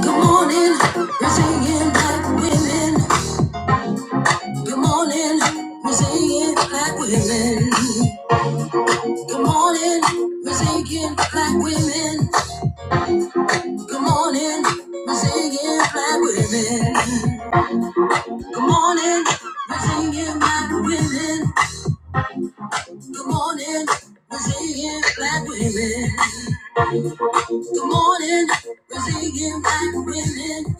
Good morning, we're singing black women. Good morning, we're singing black women. Good morning, we're singing black women. Good morning, we're singing black women. Good morning, we're singing black women. Good morning, we're singing black women. Good morning, we're singing black women.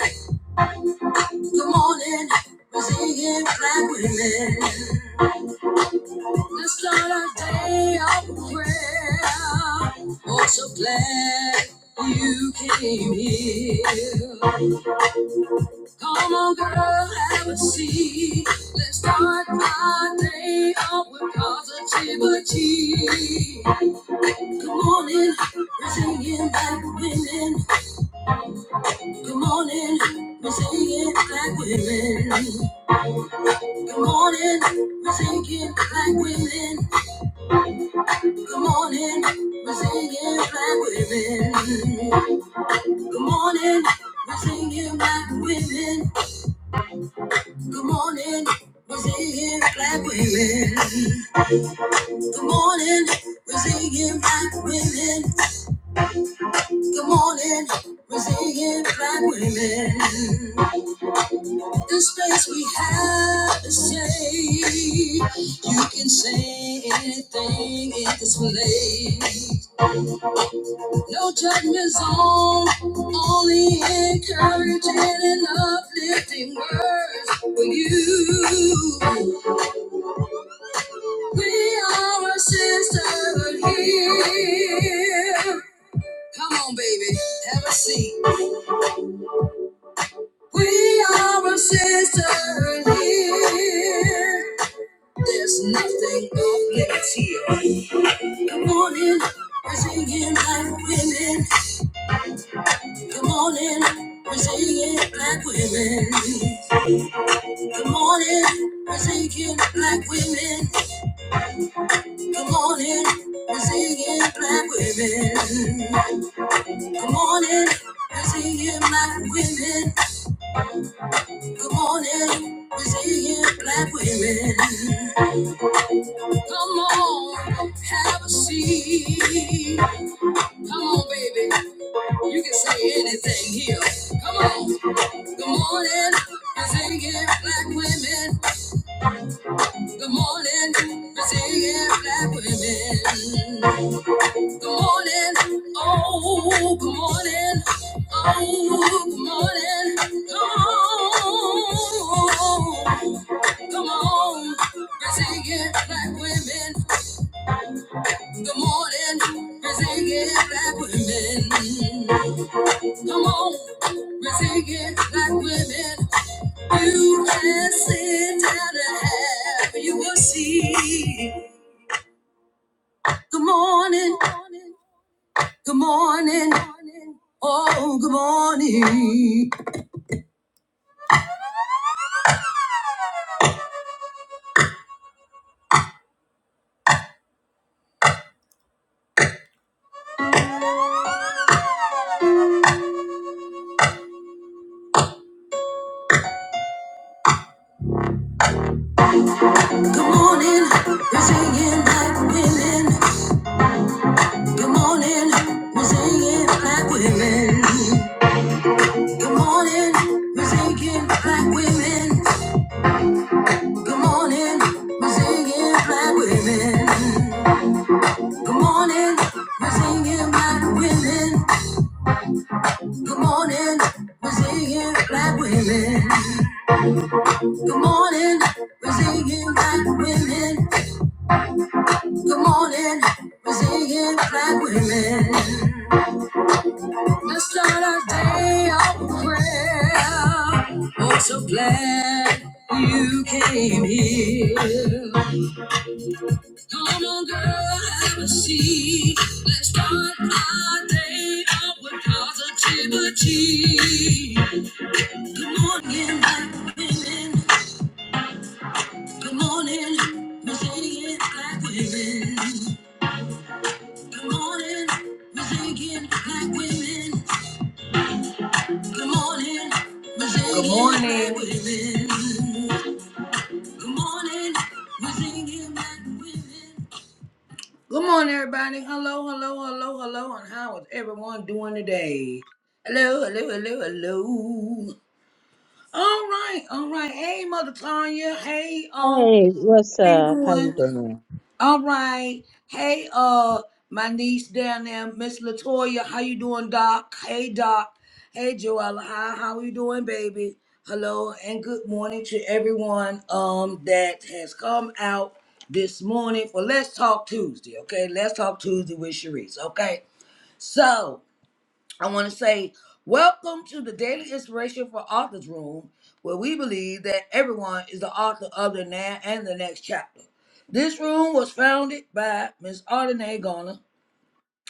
Good morning, we're singing black women. It's not a day of prayer. Oh, so glad you came here. Come on, girl, have a seat. Let's start my day off with positivity. Good morning, we're singing black women. Good morning, we're singing black women. Good morning, we're singing black women. Good morning, we're singing black women. Good morning, we're singing black women. Good morning, we're singing black women. Good morning, we're singing black women. Good morning, we're singing black women. The space we have to say, you can say anything in this place. No judgment zone, only encouraging and uplifting words for you. We are a sisterhood here. Come on, baby, have a seat. We are a sisterhood here. There's nothing off limits here. Come on in, we're singing black women. Come on in, we're singing black women. Good morning, we're singing black women. Good morning, we're singing black women. Good morning, we're singing black women. Good morning, we're singing black women. Come on, have a seat. Come on, baby, you can say anything here. Come on. Good morning, we're singing black women. Good morning, we're singing black women. Good morning. Oh, good morning. Oh, good morning. Oh, come on. Busy get black women. Good morning. Busy get black women. Come on. Busy get black women. You can sit down and have you will see. Good morning. Good morning. Oh, good morning. Good morning. We're singing black women. Good morning. We're singing black women. Good morning. We're singing black women. Good morning. We're singing black women. Good morning. We're singing black women. Good morning. We're singing black women. Good morning. We're singing black women. Good morning, resilient black women. Let's start our day off with prayer. Oh, so glad you came here. Come on, girl, have a seat. Let's start our day off with positivity. Good morning, black women. Good morning, resilient black women. Good morning, resilient black women. Good morning. We're singing Good morning. like women. Good morning. We're singing like women. Good morning, everybody. Hello, hello, hello, hello, and how is everyone doing today? Hello, hello, hello, hello. All right, all right. Hey, Mother Tanya. Hey, um, Hey, what's how you up? How you doing? doing? All right. Hey, uh, my niece down there, Miss Latoya. How you doing, Doc? Hey, Doc. Hey, Joella. How how you doing, baby? Hello, and good morning to everyone um that has come out this morning for Let's Talk Tuesday. Okay, Let's Talk Tuesday with Sharice. Okay, so I want to say, welcome to the Daily Inspiration for Authors Room, where we believe that everyone is the author of the now and the next chapter. This room was founded by Ms. Ardenae Garner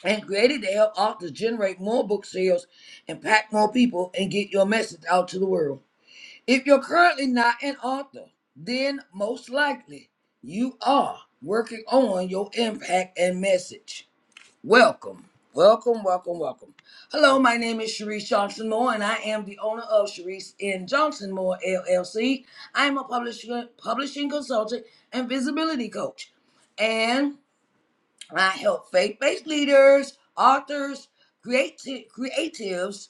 and created to help authors generate more book sales, impact more people, and get your message out to the world. If you're currently not an author, then most likely you are working on your impact and message. Welcome, welcome, welcome, welcome. Hello, my name is Sharice Johnson Moore, and I am the owner of Sharice N. Johnson Moore LLC. I am a publishing publishing consultant and visibility coach, and I help faith-based leaders, authors, creati- creatives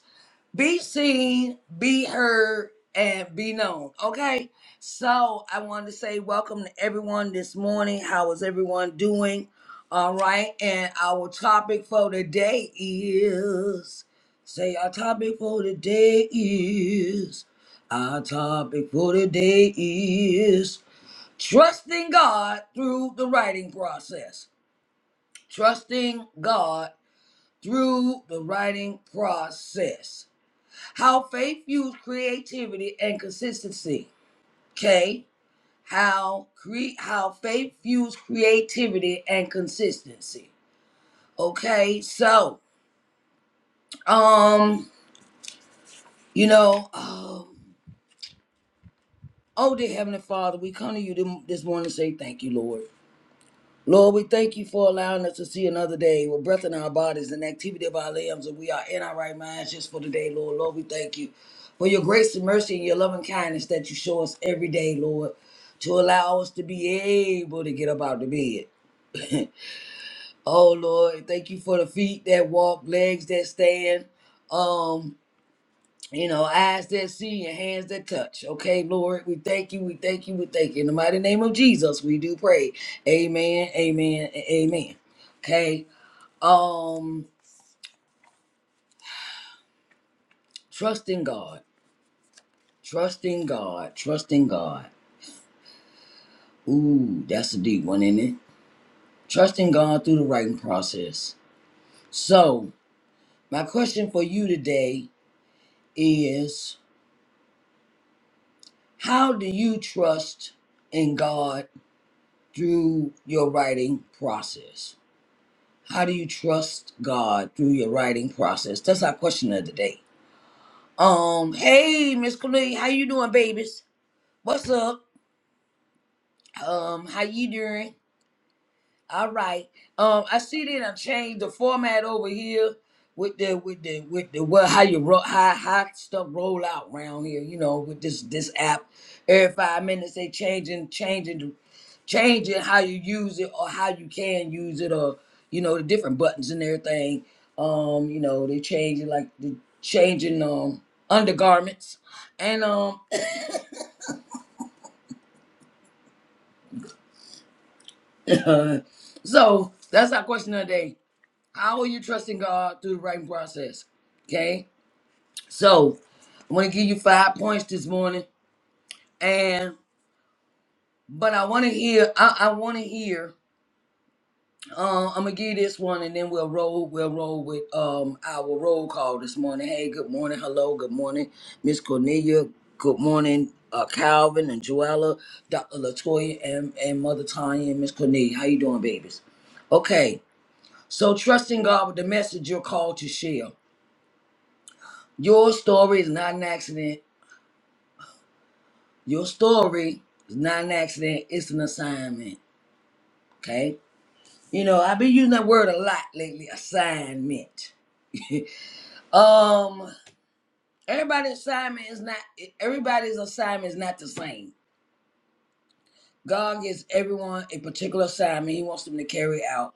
be seen, be heard, and be known. Okay. So I wanted to say welcome to everyone this morning. How is everyone doing? All right. And our topic for today is say our topic for today is our topic for today is trusting God through the writing process. Trusting God through the writing process. How faith fuels creativity and consistency. Okay. How cre- how faith fuels creativity and consistency. Okay. So, um, you know, um, oh dear Heavenly Father, we come to you this morning to say thank you, Lord. Lord, we thank you for allowing us to see another day with breath in our bodies and activity of our limbs, and we are in our right minds just for today, Lord. Lord, we thank you for your grace and mercy and your loving kindness that you show us every day, Lord, to allow us to be able to get up out of bed. oh, Lord, thank you for the feet that walk, legs that stand. um, you know, eyes that see and hands that touch. Okay, Lord, we thank you, we thank you, we thank you. In the mighty name of Jesus, we do pray. Amen, amen, and amen. Okay, um, trusting God, trusting God, trusting God. Ooh, that's a deep one, isn't it? Trusting God through the writing process. So, my question for you today is how do you trust in God through your writing process? How do you trust God through your writing process? That's our question of the day. Um, hey, Miss Cornelia, how you doing, babies? What's up? Um, how you doing? All right. Um, I see that I changed the format over here with the with the with the well how you roll how how stuff roll out around here, you know, with this this app. Every five minutes they changing changing changing how you use it or how you can use it or you know the different buttons and everything um you know they changing like the changing um undergarments and um so that's our question of the day how are you trusting god through the writing process okay so i want to give you five points this morning and but i want to hear i, I want to hear Um, I'm gonna give this one, and then we'll roll. We'll roll with um our roll call this morning. Hey, good morning. Hello, good morning, Miss Cornelia. Good morning, uh, Calvin and Joella, Dr. Latoya, and and Mother Tanya and Miss Cornelia. How you doing, babies? Okay, so trusting God with the message you're called to share. Your story is not an accident. Your story is not an accident. It's an assignment. Okay. You know, I've been using that word a lot lately. Assignment. Um, Everybody's assignment is not everybody's assignment is not the same. God gives everyone a particular assignment he wants them to carry out.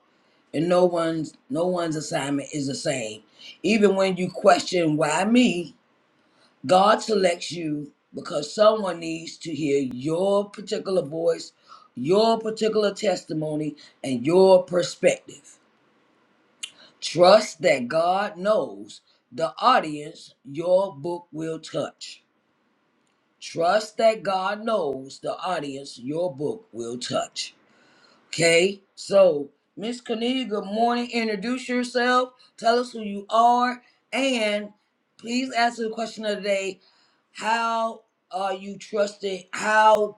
And no one's no one's assignment is the same. Even when you question why me, God selects you because someone needs to hear your particular voice, your particular testimony, and your perspective. Trust that God knows the audience your book will touch. Trust that God knows the audience your book will touch. Okay? So, Miss Cornelia, good morning. Introduce yourself. Tell us who you are. And please answer the question of the day. How are you trusting how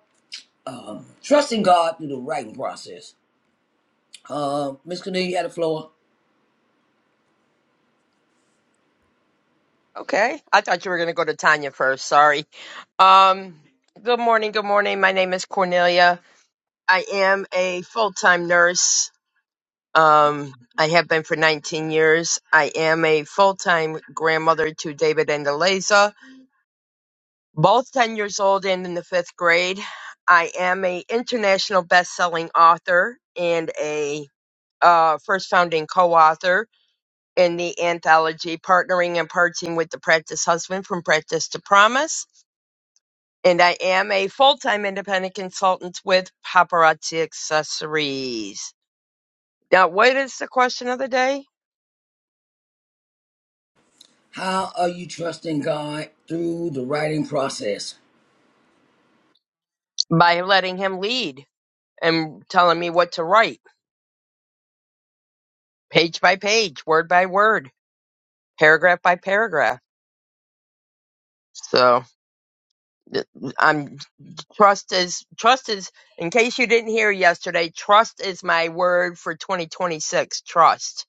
um trusting God through the writing process? Um, Miss Cornelia, you had the floor. Okay. I thought you were going to go to Tanya first. Sorry. Um, good morning. Good morning. My name is Cornelia. I am a full time nurse. Um, I have been for 19 years. I am a full time grandmother to David and Eliza, both 10 years old and in the fifth grade. I am a international best selling author and a uh, first founding co author in the anthology Partnering and Parting with the Practice Husband from Practice to Promise and I am a full-time independent consultant with Paparazzi Accessories. Now, what is the question of the day? How are you trusting God through the writing process? By letting him lead and telling me what to write, page by page, word by word, paragraph by paragraph. So th- I'm trust is trust is in case you didn't hear yesterday, trust is my word for 2026. Trust.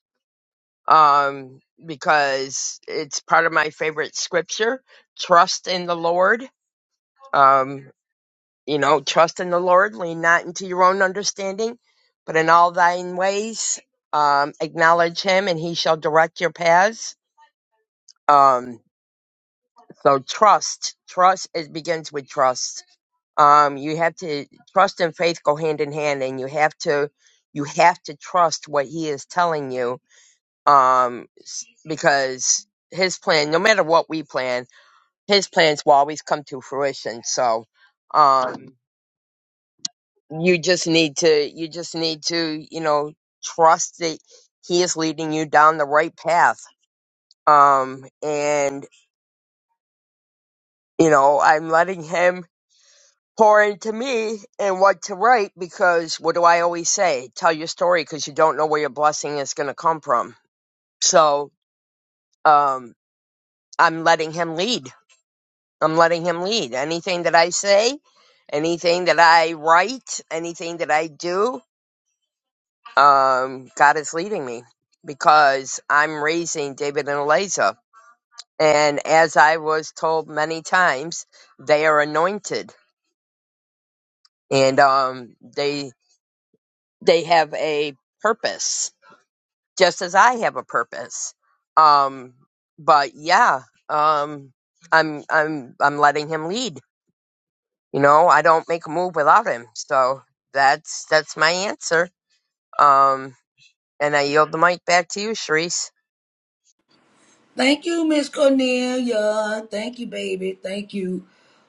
Um because it's part of my favorite scripture, trust in the Lord Um, you know, trust in the Lord, lean not into your own understanding, but in all thine ways, um, acknowledge him and he shall direct your paths. Um, so trust, trust, it begins with trust. Um, you have to trust and faith go hand in hand and you have to, you have to trust what he is telling you. Um, s- because his plan, no matter what we plan, his plans will always come to fruition. So, um, you just need to you just need to you know trust that he is leading you down the right path um and you know i'm letting him pour into me and what to write because what do i always say tell your story because you don't know where your blessing is going to come from so um i'm letting him lead i'm letting him lead anything that i say anything that i write anything that i do um, God is leading me because I'm raising David and Eliza. And as I was told many times, they are anointed and um, they they have a purpose, just as I have a purpose. Um, but yeah, um, I'm I'm I'm letting him lead. You know, I don't make a move without him. So that's that's my answer. Um, and I yield the mic back to you, Sharice. Thank you, Miss Cornelia. Thank you, baby. Thank you.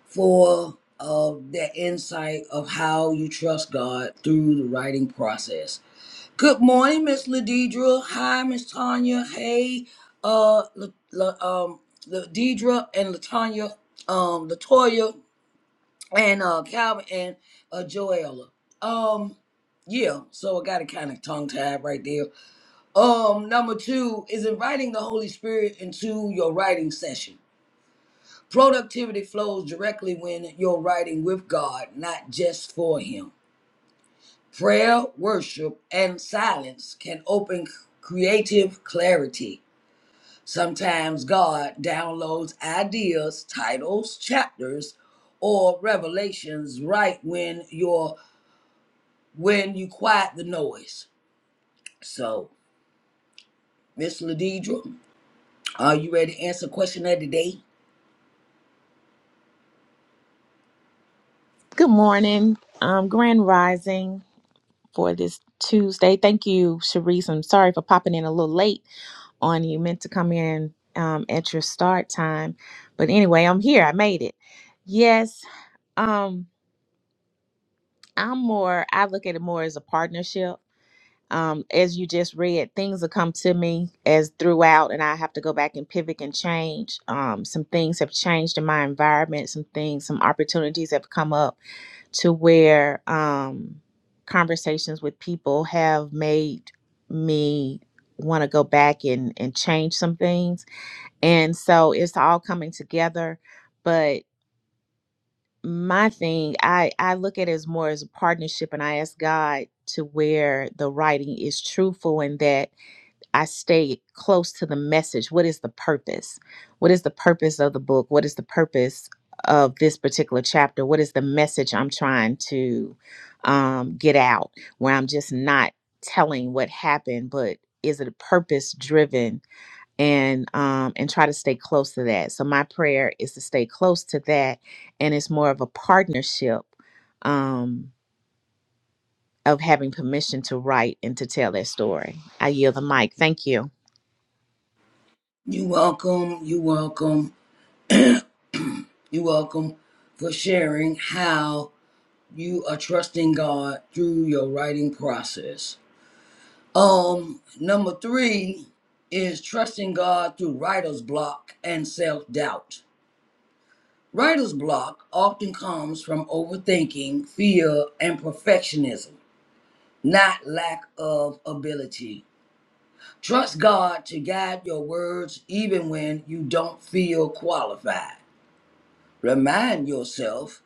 for uh, that insight of how you trust God through the writing process. Good morning, Miss Ladidra. Hi, Miss Tanya. Hey, uh, La, La, um, Ladidra and Latanya, um, Latoya and uh, Calvin and uh, Joella. Um, yeah, so I got it kind of tongue tied right there. Um, number two is inviting the Holy Spirit into your writing session. Productivity flows directly when you're writing with God, not just for Him. Prayer, worship, and silence can open creative clarity. Sometimes God downloads ideas, titles, chapters, or revelations right when you're when you quiet the noise. So, Miss Ladidra, are you ready to answer question of the day? Good morning. Um, grand rising for this Tuesday. Thank you, Sharice. I'm sorry for popping in a little late on you. Meant to come in um, at your start time, but anyway, I'm here. I made it. Yes. Um, I'm more. I look at it more as a partnership. Um, as you just read, things will come to me as throughout, and I have to go back and pivot and change. Um, some things have changed in my environment. Some things, some opportunities have come up to where um, conversations with people have made me want to go back and, and change some things. And so it's all coming together. But my thing, I, I look at it as more as a partnership, and I ask God to where the writing is truthful and that I stay close to the message. What is the purpose? What is the purpose of the book? What is the purpose of this particular chapter? What is the message I'm trying to um, get out? Where I'm just not telling what happened, but is it a purpose driven and um and try to stay close to that so my prayer is to stay close to that and it's more of a partnership um of having permission to write and to tell that story i yield the mic thank you You welcome, you welcome, you welcome for sharing how you are trusting God through your writing process. Um, number three is trusting God through writer's block and self doubt. Writer's block often comes from overthinking, fear, and perfectionism, not lack of ability. Trust God to guide your words even when you don't feel qualified. Remind yourself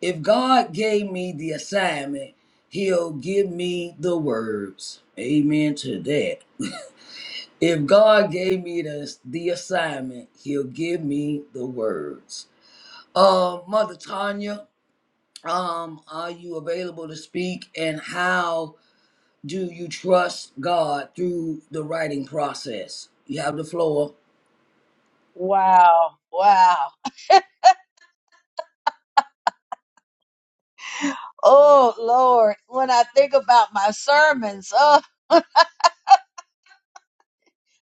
If God gave me the assignment, He'll give me the words. Amen to that. If God gave me the, the assignment, He'll give me the words. Uh, Mother Tanya, um, are you available to speak? And how do you trust God through the writing process? You have the floor. Wow. Wow. Oh, Lord. When I think about my sermons, oh,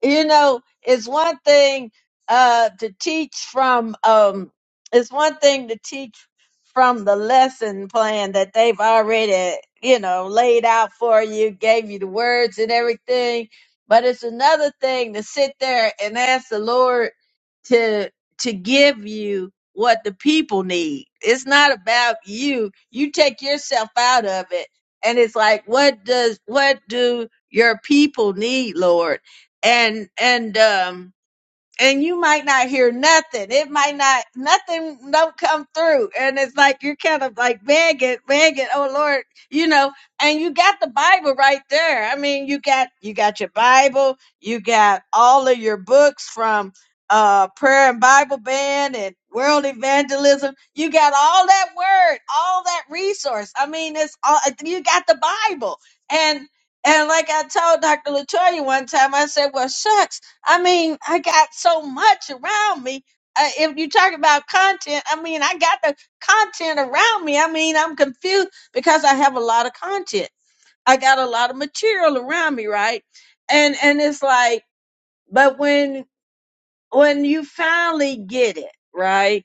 you know it's one thing uh to teach from um it's one thing to teach from the lesson plan that they've already you know laid out for you gave you the words and everything but it's another thing to sit there and ask the lord to to give you what the people need it's not about you you take yourself out of it and it's like what does what do your people need lord and and um and you might not hear nothing. It might not nothing don't come through. And it's like you're kind of like begging, begging, oh Lord, you know, and you got the Bible right there. I mean, you got you got your Bible, you got all of your books from uh prayer and Bible band and world evangelism. You got all that word, all that resource. I mean, it's all you got the Bible. And and like I told Dr. Latoya one time, I said, Well, shucks. I mean, I got so much around me. Uh, if you talk about content, I mean, I got the content around me. I mean, I'm confused because I have a lot of content. I got a lot of material around me, right? And and it's like, but when when you finally get it, right?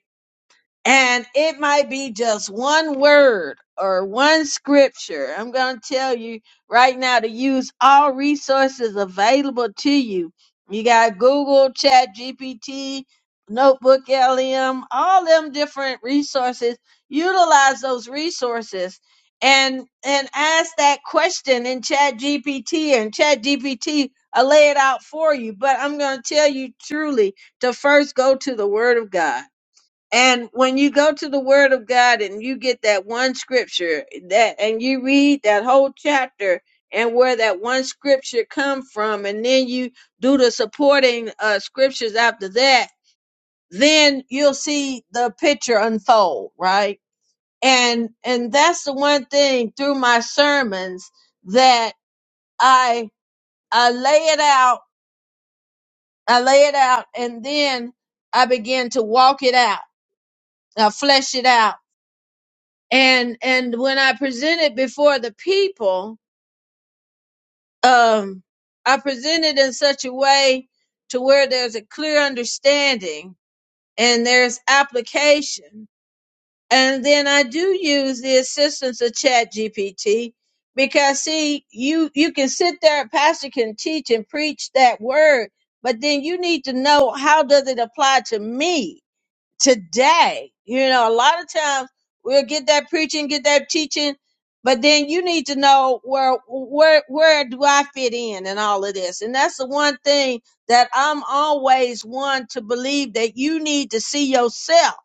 And it might be just one word or one scripture. I'm going to tell you right now to use all resources available to you. You got Google, Chat GPT, Notebook LM, all them different resources. Utilize those resources and and ask that question in Chat GPT and Chat GPT will lay it out for you. But I'm going to tell you truly to first go to the Word of God and when you go to the word of God and you get that one scripture that and you read that whole chapter and where that one scripture come from and then you do the supporting uh scriptures after that, then you'll see the picture unfold, right? And and that's the one thing through my sermons that I I lay it out, I lay it out and then I begin to walk it out. I flesh it out and and when I presented before the people, um, I presented in such a way to where there's a clear understanding and there's application. And then I do use the assistance of Chat GPT because see, you you can sit there, a pastor can teach and preach that word, but then you need to know how does it apply to me today. You know, a lot of times we'll get that preaching, get that teaching, but then you need to know where where where do I fit in and all of this. And that's the one thing that I'm always one to believe that you need to see yourself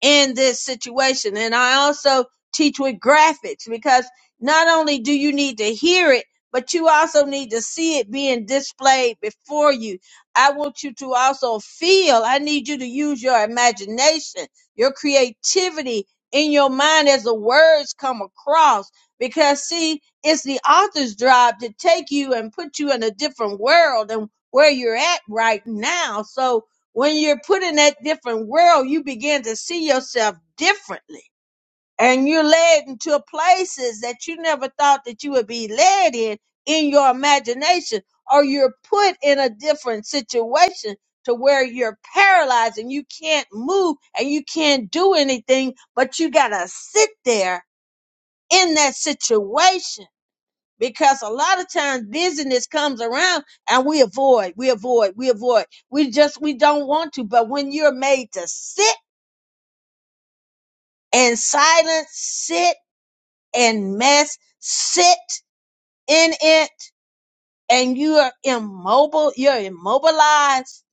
in this situation. And I also teach with graphics because not only do you need to hear it, but you also need to see it being displayed before you. I want you to also feel, I need you to use your imagination, your creativity in your mind as the words come across. Because, see, it's the author's job to take you and put you in a different world than where you're at right now. So, when you're put in that different world, you begin to see yourself differently. And you're led into places that you never thought that you would be led in in your imagination, or you're put in a different situation to where you're paralyzed and you can't move and you can't do anything, but you gotta sit there in that situation because a lot of times busyness comes around and we avoid, we avoid, we avoid. We just we don't want to. But when you're made to sit in silence, sit and mess, sit in it, and you are immobile, you're immobilized.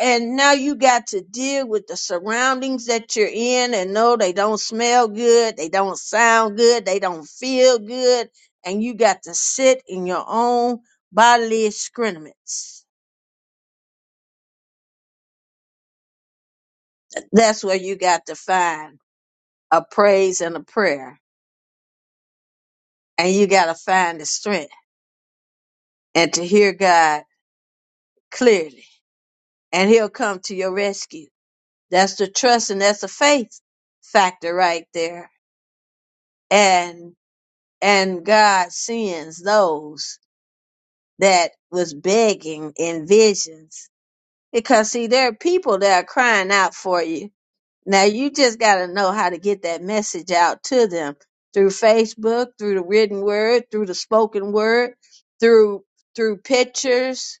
And now you got to deal with the surroundings that you're in and no, they don't smell good, they don't sound good, they don't feel good, and you got to sit in your own bodily excrements That's where you got to find a praise and a prayer. And you got to find the strength and to hear God clearly. And he'll come to your rescue. That's the trust and that's the faith factor right there. And and God sends those that was begging in visions. Because see, there are people that are crying out for you Now you just got to know how to get that message out to them through Facebook, through the written word, through the spoken word, through through pictures,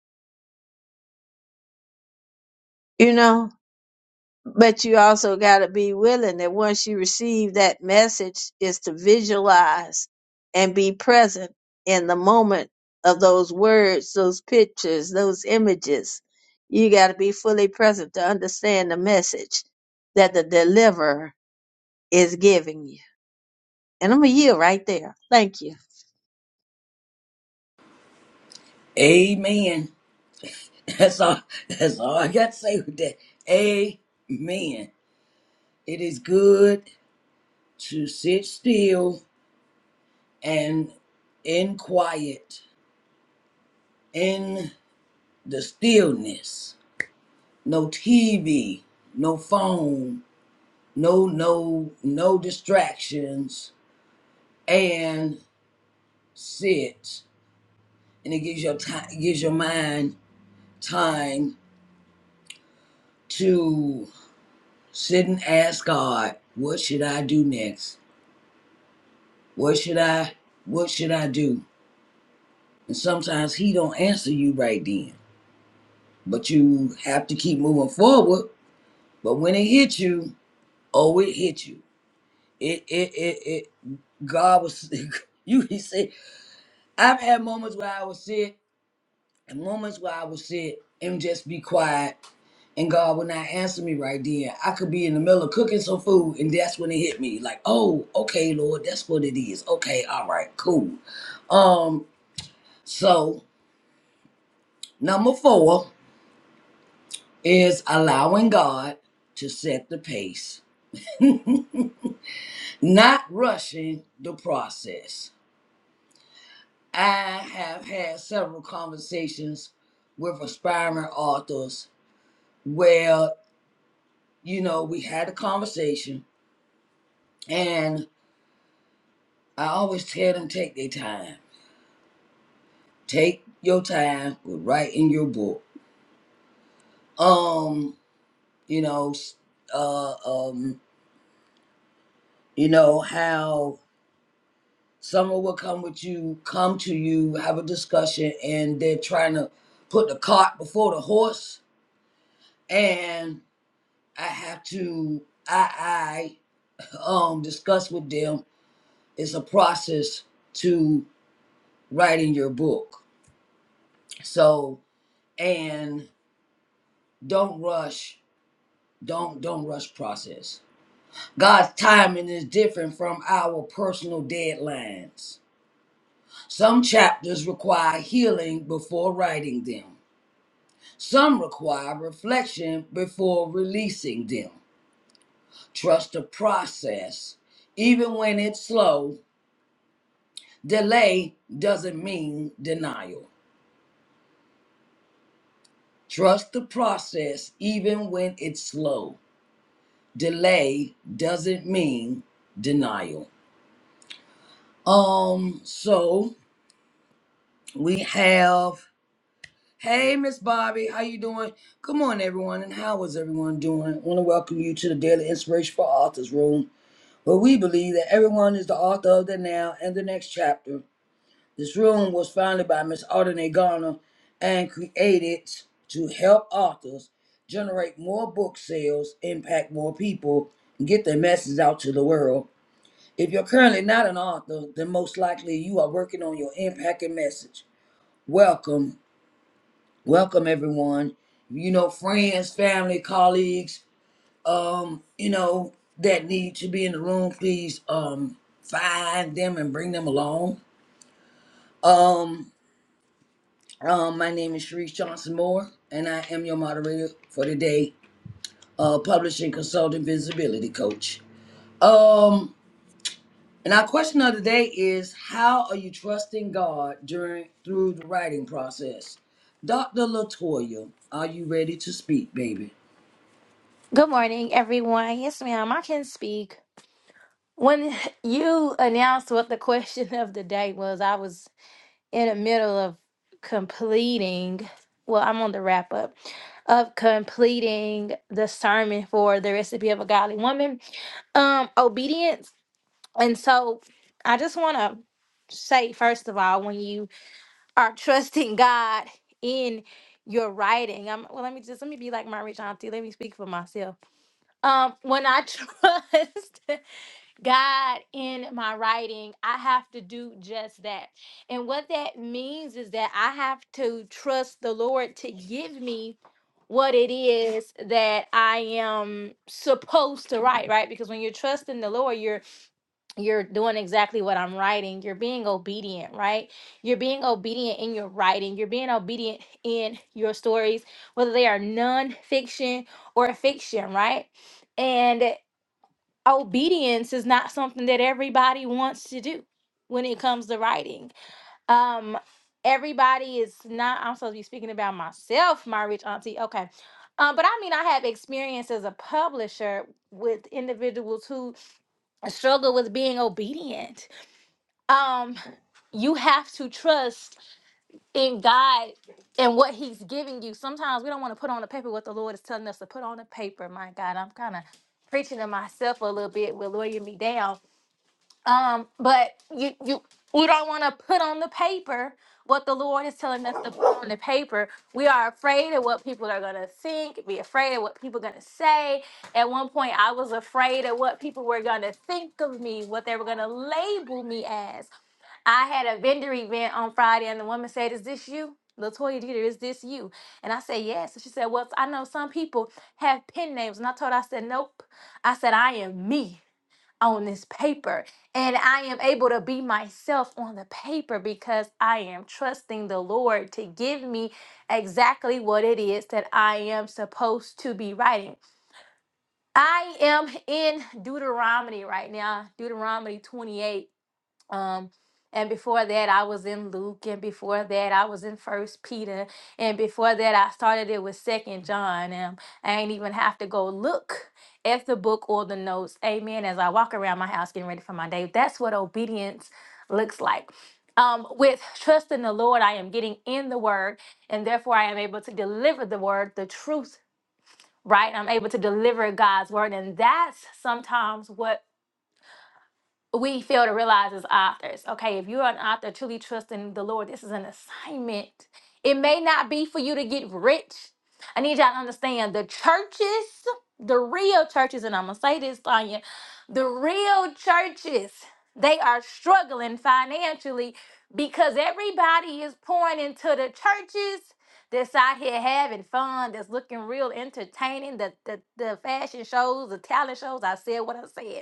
you know. But you also got to be willing that once you receive that message is to visualize and be present in the moment of those words, those pictures, those images. You got to be fully present to understand the message that the deliverer is giving you. And I'm a year right there. Thank you. Amen. That's all. That's all I got to say with that. Amen. It is good to sit still and in quiet, in the stillness. No TV, no phone, no no no distractions, and sit. And it gives your time, gives your mind time to sit and ask God, what should I do next? What should I what should I do? And sometimes He don't answer you right then, but you have to keep moving forward But when it hit you, oh, it hit you. It, it, it, it. God was, you he said, I've had moments where I would sit and moments where I would sit and just be quiet and God would not answer me right then. I could be in the middle of cooking some food and that's when it hit me. Like, oh, okay, Lord, that's what it is. Okay, all right, cool. Um, so number four is allowing God to set the pace, not rushing the process. I have had several conversations with aspiring authors where, you know, we had a conversation and I always tell them take their time. Take your time with writing your book. Um, you know, s- uh um, you know, how someone will come with you, come to you, have a discussion, and they're trying to put the cart before the horse. And I have to I um discussed with them is a process to writing your book. So and don't rush, don't don't rush process. God's timing is different from our personal deadlines. Some chapters require healing before writing them. Some require reflection before releasing them. Trust the process. Even when it's slow, delay doesn't mean denial. Trust the process even when it's slow. Delay doesn't mean denial. Um, so we have Hey Miss Bobby, how you doing? Come on everyone, and how is everyone doing? I want to welcome you to the Daily Inspiration for Authors Room, where we believe that everyone is the author of their now and the next chapter. This room was founded by Ms. Audrey Garner and created to help authors generate more book sales, impact more people, and get their message out to the world. If you're currently not an author, then most likely you are working on your impact and message. Welcome, welcome everyone. You know, friends, family, colleagues, um, you know, that need to be in the room, please um find them and bring them along. Um. Um, my name is Sharice Johnson Moore, and I am your moderator for today, uh, publishing consultant visibility coach. Um, and our question of the day is: How are you trusting God during through the writing process? Dr. Latoya, are you ready to speak, baby? Good morning, everyone. Yes, ma'am, I can speak. When you announced what the question of the day was, I was in the middle of completing, well, I'm on the wrap up of completing the sermon for the recipe of a godly woman, um, obedience. And so I just want to say, first of all, when you are trusting God in your writing, I'm, well, let me just, let me be like my rich auntie. Let me speak for myself um, when I trust God in my writing, I have to do just that. And what that means is that I have to trust the Lord to give me what it is that I am supposed to write, right? Because when you're trusting the Lord, you're you're doing exactly what I'm writing. You're being obedient, right? You're being obedient in your writing. You're being obedient in your stories, whether they are nonfiction or fiction, right? And obedience is not something that everybody wants to do when it comes to writing. Um, everybody is not. I'm supposed to be speaking about myself, my rich auntie. Okay. Um, but I mean, I have experience as a publisher with individuals who struggle with being obedient um you have to trust in God and what He's giving you. Sometimes we don't want to put on the paper what the Lord is telling us to put on the paper. My God, I'm kind of preaching to myself a little bit, will lawyer me down um, but you you we don't want to put on the paper what the Lord is telling us to put on the paper. We are afraid of what people are gonna think, be afraid of what people are gonna say. At one point I was afraid of what people were gonna think of me, what they were gonna label me as. I had a vendor event on Friday, and the woman said, "Is this you, Latoya Dieter? Is this you?" And I said, "Yes." And she said, "Well, I know some people have pen names," and I told her, "I said, nope. I said I am me on this paper. And I am able to be myself on the paper because I am trusting the Lord to give me exactly what it is that I am supposed to be writing. I am in Deuteronomy right now, Deuteronomy 28. Um, and before that, I was in Luke, and before that, I was in First Peter, and before that, I started it with Second John. And I ain't even have to go look at the book or the notes. Amen. As I walk around my house getting ready for my day, that's what obedience looks like. Um, with trust in the Lord, I am getting in the word, and therefore I am able to deliver the word, the truth, right? I'm able to deliver God's word, and that's sometimes what we fail to realize as authors. Okay, if you're an author truly trusting the Lord, this is an assignment. It may not be for you to get rich. I need y'all to understand the churches, the real churches, and I'm gonna say this, Tanya, the real churches, they are struggling financially because everybody is pouring into the churches that's out here having fun, that's looking real entertaining, the the, the fashion shows, the talent shows. I said what I said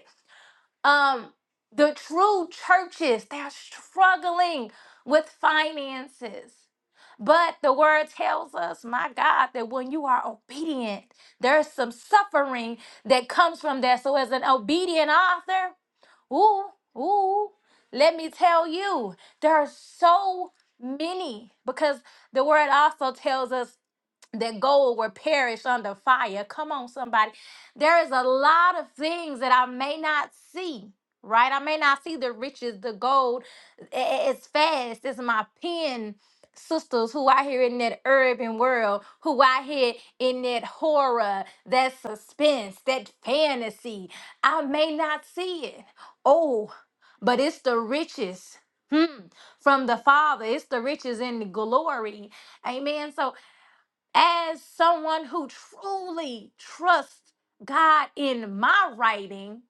um the true churches they're struggling with finances but the word tells us my god that when you are obedient there's some suffering that comes from that so as an obedient author ooh ooh let me tell you there are so many because the word also tells us that gold will perish under fire. Come on, somebody. There is a lot of things that I may not see, right? I may not see the riches, the gold. I- I- It's fast. It's my pen sisters who I hear in that urban world, who I hear in that horror, that suspense, that fantasy. I may not see it. Oh, but it's the riches. Hmm. From the Father, it's the riches and the glory. Amen. So as someone who truly trusts God in my writing,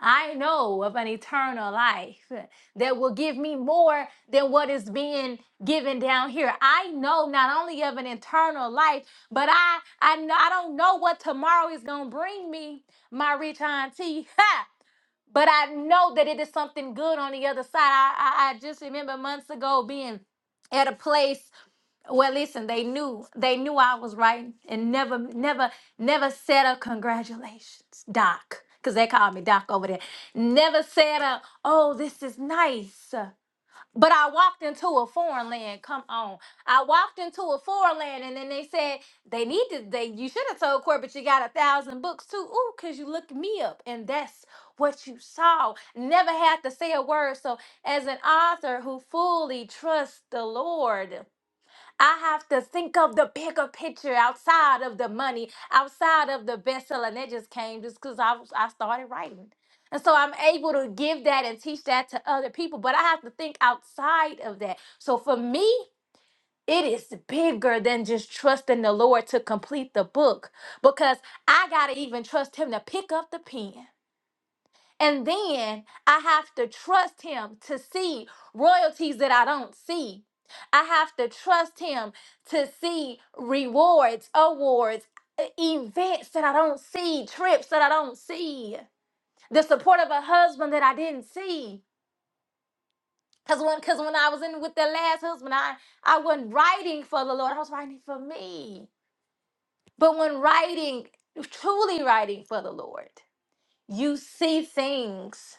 I know of an eternal life that will give me more than what is being given down here. I know not only of an eternal life, but I I, kn- I don't know what tomorrow is gonna bring me, my rich auntie. Ha! But I know that it is something good on the other side. I, I, I just remember months ago being at a place well, listen, they knew they knew I was right and never, never, never said a congratulations, Doc, because they called me Doc over there. Never said a, oh, this is nice. But I walked into a foreign land. Come on, I walked into a foreign land, and then they said they need to. They you should have told Corbett you got a thousand books too. Ooh, cause you looked me up, and that's what you saw. Never had to say a word. So as an author who fully trusts the Lord. I have to think of the bigger picture outside of the money, outside of the bestseller. And that just came just because I, was- I started writing. And so I'm able to give that and teach that to other people, but I have to think outside of that. So for me, it is bigger than just trusting the Lord to complete the book because I got to even trust Him to pick up the pen. And then I have to trust him to see royalties that I don't see. I have to trust him to see rewards, awards, e- events that I don't see, trips that I don't see, the support of a husband that I didn't see. Cause when, cause when I was in with the last husband, I, I wasn't writing for the Lord. I was writing for me. But when writing, truly writing for the Lord, You see things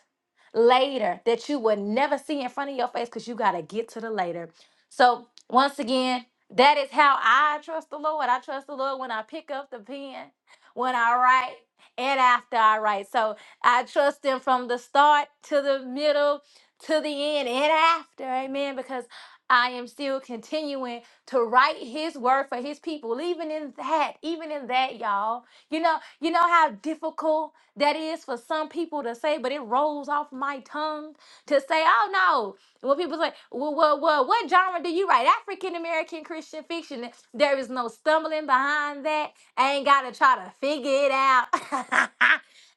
later that you would never see in front of your face because you got to get to the later. So, once again, that is how I trust the Lord. I trust the Lord when I pick up the pen, when I write, and after I write. So, I trust Him from the start to the middle to the end and after. Amen. Because I am still continuing to write his word for his people even in that even in that y'all you know you know how difficult that is for some people to say, but it rolls off my tongue to say, oh no. And When people say, well, well, well what genre do you write? African American Christian fiction. There is no stumbling behind that. I ain't gotta try to figure it out.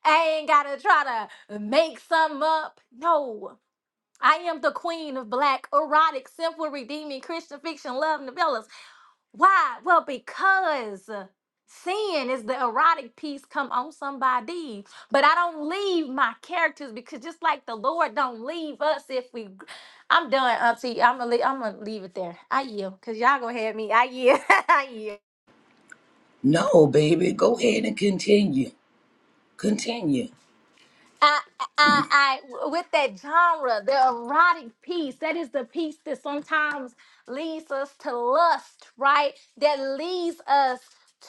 I ain't gotta try to make some up. No. I am the queen of black, erotic, simple, redeeming Christian fiction love novellas. Why? Well, because sin is the erotic piece come on somebody. But I don't leave my characters because just like the Lord don't leave us if we. I'm done, Auntie. I'm gonna leave, I'm gonna leave it there. I yield, cause y'all gonna have me. I yield. I yield. No, baby. Go ahead and continue. Continue. I, I, I, with that genre, the erotic piece, that is the piece that sometimes leads us to lust, right? That leads us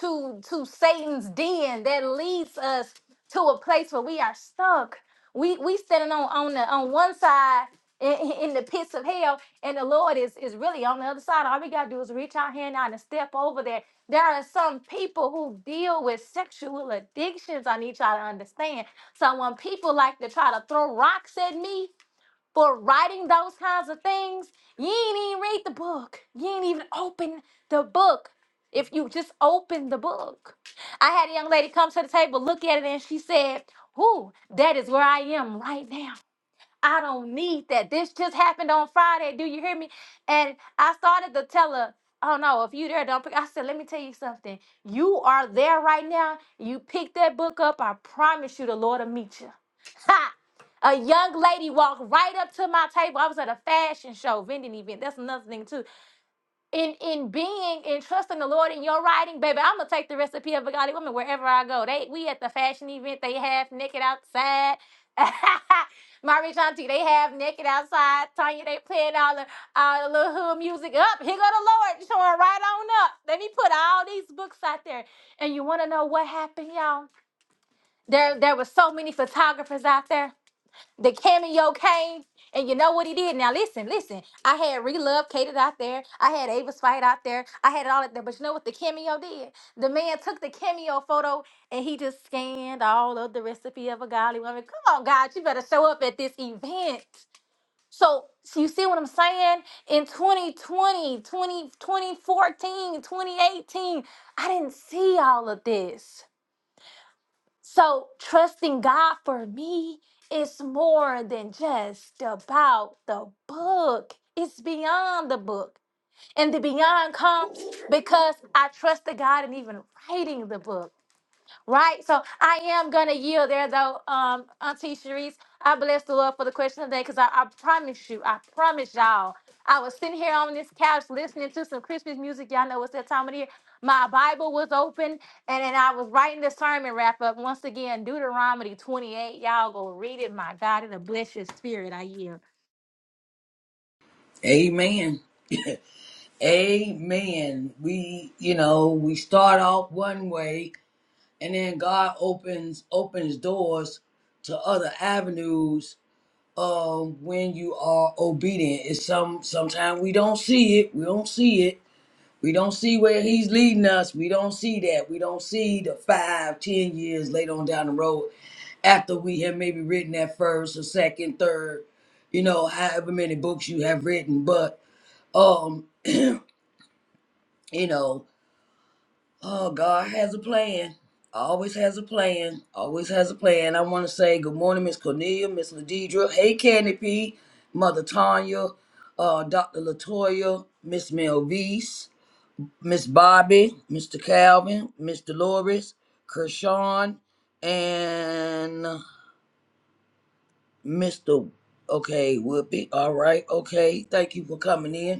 to to Satan's den. That leads us to a place where we are stuck. We we standing on on the on one side in, in the pits of hell, and the Lord is is really on the other side. All we gotta do is reach our hand out and step over there. There are some people who deal with sexual addictions. I need y'all to understand so when people like to try to throw rocks at me for writing those kinds of things, you ain't even read the book. You ain't even open the book. If you just open the book. I had a young lady come to the table, look at it, and she said, Ooh, that is where I am right now. I don't need that. This just happened on Friday. Do you hear me? And I started to tell her, oh no, if you there, don't pick. I said, let me tell you something. You are there right now. You pick that book up. I promise you the Lord will meet you. Ha! A young lady walked right up to my table. I was at a fashion show, vending event. That's another thing too in in being and trusting the Lord in your writing, baby, I'm gonna take the recipe of a godly woman wherever I go. They we at the fashion event, they half naked outside. My rich auntie, they half naked outside. Tanya, they playing all the all the little hood music up. Here go the Lord showing right on up. Let me put all these books out there. And you wanna know what happened, y'all? There there was so many photographers out there the cameo came. And you know what he did? Now listen, listen. I had Relove catered out there. I had Avis Fight out there. I had it all out there. But you know what the cameo did? The man took the cameo photo and he just scanned all of the recipe of a godly woman. Come on, God, you better show up at this event. So so you see what I'm saying? In 2020, 20, 2014, 2018, I didn't see all of this. So trusting God for me is more than just about the book. It's beyond the book. And the beyond comes because I trusted God in even writing the book. Right? So I am going to yield there, though, um, Auntie Sharice. I bless the Lord for the question today because I, I promise you, I promise y'all, I was sitting here on this couch listening to some Christmas music. Y'all know it's that time of the year. My Bible was open and then I was writing the sermon wrap up once again, Deuteronomy 28. Y'all go read it. My God, it'll bless your spirit. I yield. Amen. Amen. We, you know, we start off one way and then God opens opens doors to other avenues um when you are obedient. It's some sometimes we don't see it. We don't see it. We don't see where he's leading us. We don't see that. We don't see the five, ten years later on down the road after we have maybe written that first or second, third, you know, however many books you have written. But um, you know Oh, God has a plan. Always has a plan. Always has a plan. I want to say good morning, Miss Cornelia, Miss Ladidra. Hey, Candy P, Mother Tanya, uh, Dr. Latoya, Miss Melvise, Miss Bobby, Mr. Calvin, Miss Dolores, Kershawn, and Mr. Okay, Whoopi. All right. Okay. Thank you for coming in.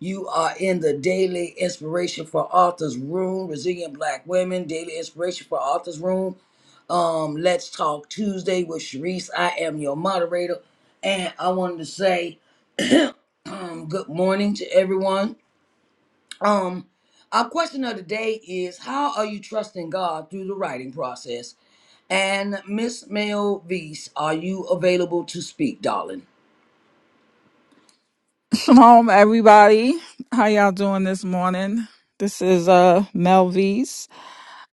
You are in the Daily Inspiration for Authors Room, Resilient Black Women, Daily Inspiration for Authors Room. Um, Let's Talk Tuesday with Sharice. I am your moderator. And I wanted to say um, good morning to everyone. Um, our question of the day is How are you trusting God through the writing process? And Miss Melvise, are you available to speak, darling? Welcome home, everybody. How y'all doing this morning? This is uh Melvies.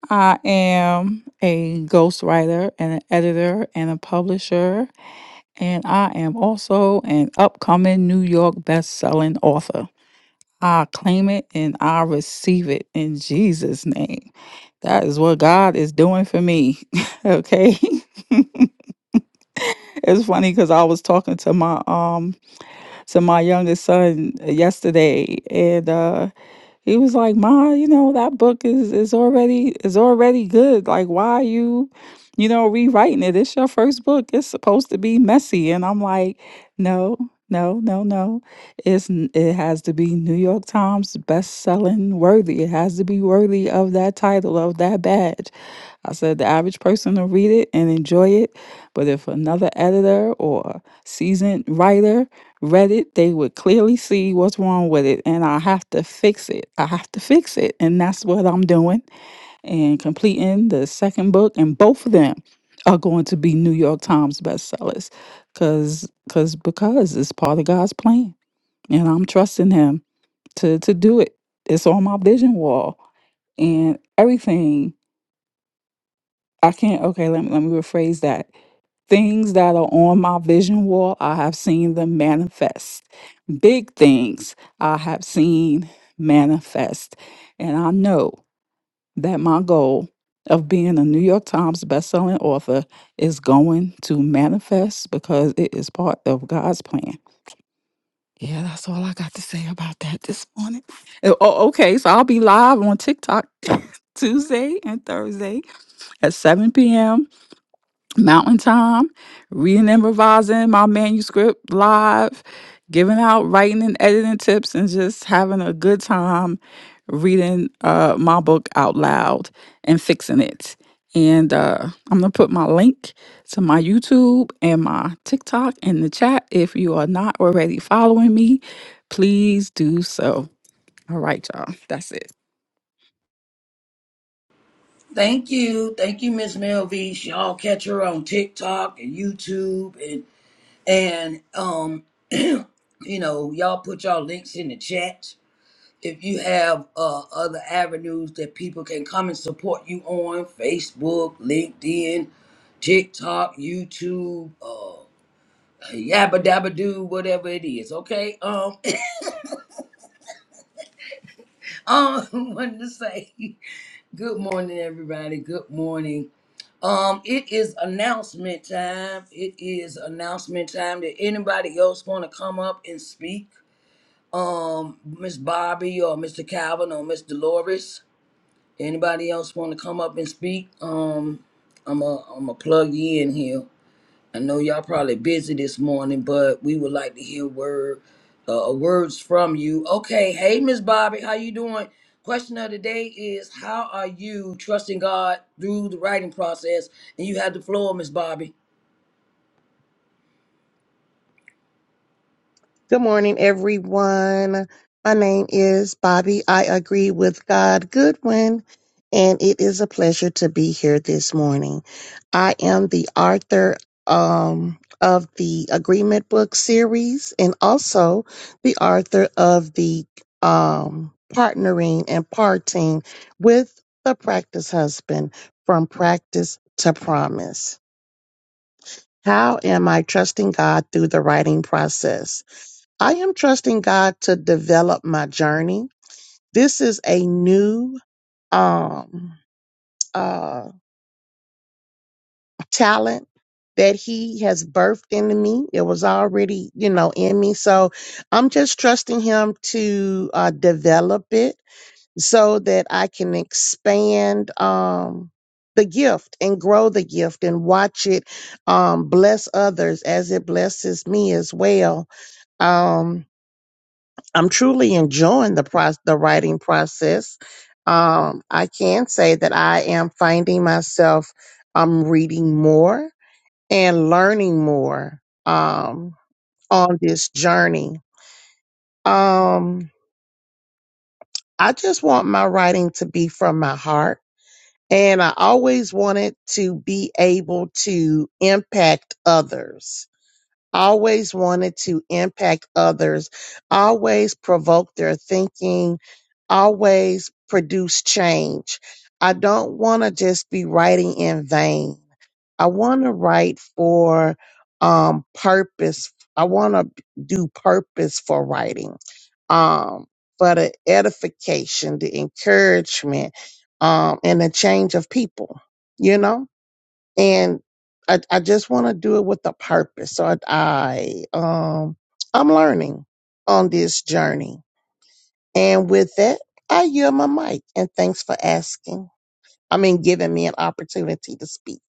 I am a ghostwriter and an editor and a publisher, and I am also an upcoming New York best-selling author. I claim it and I receive it in Jesus' name. That is what God is doing for me. okay. it's funny because I was talking to my um to my youngest son yesterday, and uh, he was like, "Ma, you know that book is is already is already good. Like, why are you, you know, rewriting it? It's your first book. It's supposed to be messy." And I'm like, "No." No, no, no. It's n- it has to be New York Times best selling worthy. It has to be worthy of that title, of that badge. I said the average person will read it and enjoy it, but if another editor or seasoned writer read it, they would clearly see what's wrong with it, and I have to fix it. I have to fix it, and that's what I'm doing and completing the second book, and both of them are going to be New York Times bestsellers, cause, cause, because it's part of God's plan, and I'm trusting Him to to do it. It's on my vision wall and everything I can't. Okay, let me let me rephrase that. Things that are on my vision wall, I have seen them manifest. Big things I have seen manifest, and I know that my goal of being a New York Times bestselling author is going to manifest because it is part of God's plan. Yeah, that's all I got to say about that this morning. Oh, oh, okay, so I'll be live on TikTok Tuesday and Thursday at 7 p.m. Mountain Time, reading and revising my manuscript live, giving out writing and editing tips, and just having a good time reading uh, my book out loud and fixing it. And uh, I'm going to put my link to my YouTube and my TikTok in the chat. If you are not already following me, please do so. All right, y'all. That's it. Thank you. Thank you, Miss Melvise. Y'all catch her on TikTok and YouTube and. And um, you know, y'all put y'all links in the chat. If you have uh, other avenues that people can come and support you on, Facebook, LinkedIn, TikTok, YouTube, uh, yabba dabba do, whatever it is. Okay. Um, um, wanted to say good morning, everybody. Good morning. Um, it is announcement time. It is announcement time. Did anybody else want to come up and speak? um Miss Bobby or Mr. Calvin or Miss Dolores. Anybody else want to come up and speak? Um, I'm a I'm a plug you in here. I know y'all probably busy this morning, but we would like to hear word uh, uh, words from you. Okay, hey Miss Bobby, how you doing? Question of the day is how are you trusting God through the writing process? And you have the floor, Miss Bobby. Good morning, everyone. My name is Bobby. I agree with God Goodwin, and it is a pleasure to be here this morning. I am the author um, of the Agreement Book series and also the author of the um, Partnering and Parting with the Practice Husband from Practice to Promise. How am I trusting God through the writing process? I am trusting God to develop my journey. This is a new um uh talent that he has birthed into me. It was already, you know, in me. So I'm just trusting him to uh develop it so that I can expand um the gift and grow the gift and watch it um bless others as it blesses me as well. Um I'm truly enjoying the pro- the writing process. Um, I can say that I am finding myself um, reading more and learning more um, on this journey. Um, I just want my writing to be from my heart, and I always wanted to be able to impact others always wanted to impact others, always provoke their thinking, always produce change. I don't want to just be writing in vain. I want to write for um, purpose. I want to do purpose for writing, um, for the edification, the encouragement, um, and the change of people, you know? and I, I just want to do it with a purpose. So I, I um I'm learning on this journey, and with that, I yield my mic. And thanks for asking. I mean, giving me an opportunity to speak.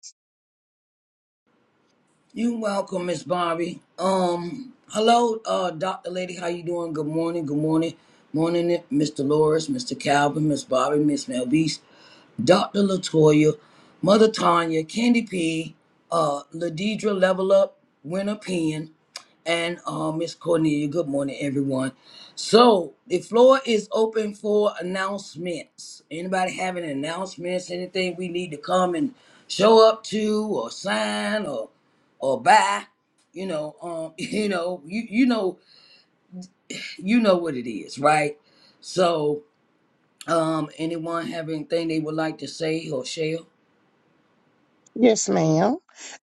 You welcome, Miss Barbie. Um, hello, uh, Doctor Lady. How you doing? Good morning. Good morning. Morning, Mr. Loris, Mr. Calvin, Miss Bobby, Miss Melvise, Doctor Latoya, Mother Tanya, Candy P, uh, Ladidra, Level Up, Winner Pen and uh, Miss Cornelia. Good morning, everyone. So the floor is open for announcements. Anybody have any announcements? Anything we need to come and show up to, or sign, or or buy? You know, um, you know, you you know, you know what it is, right? So, um, anyone have anything they would like to say or share? Yes, ma'am.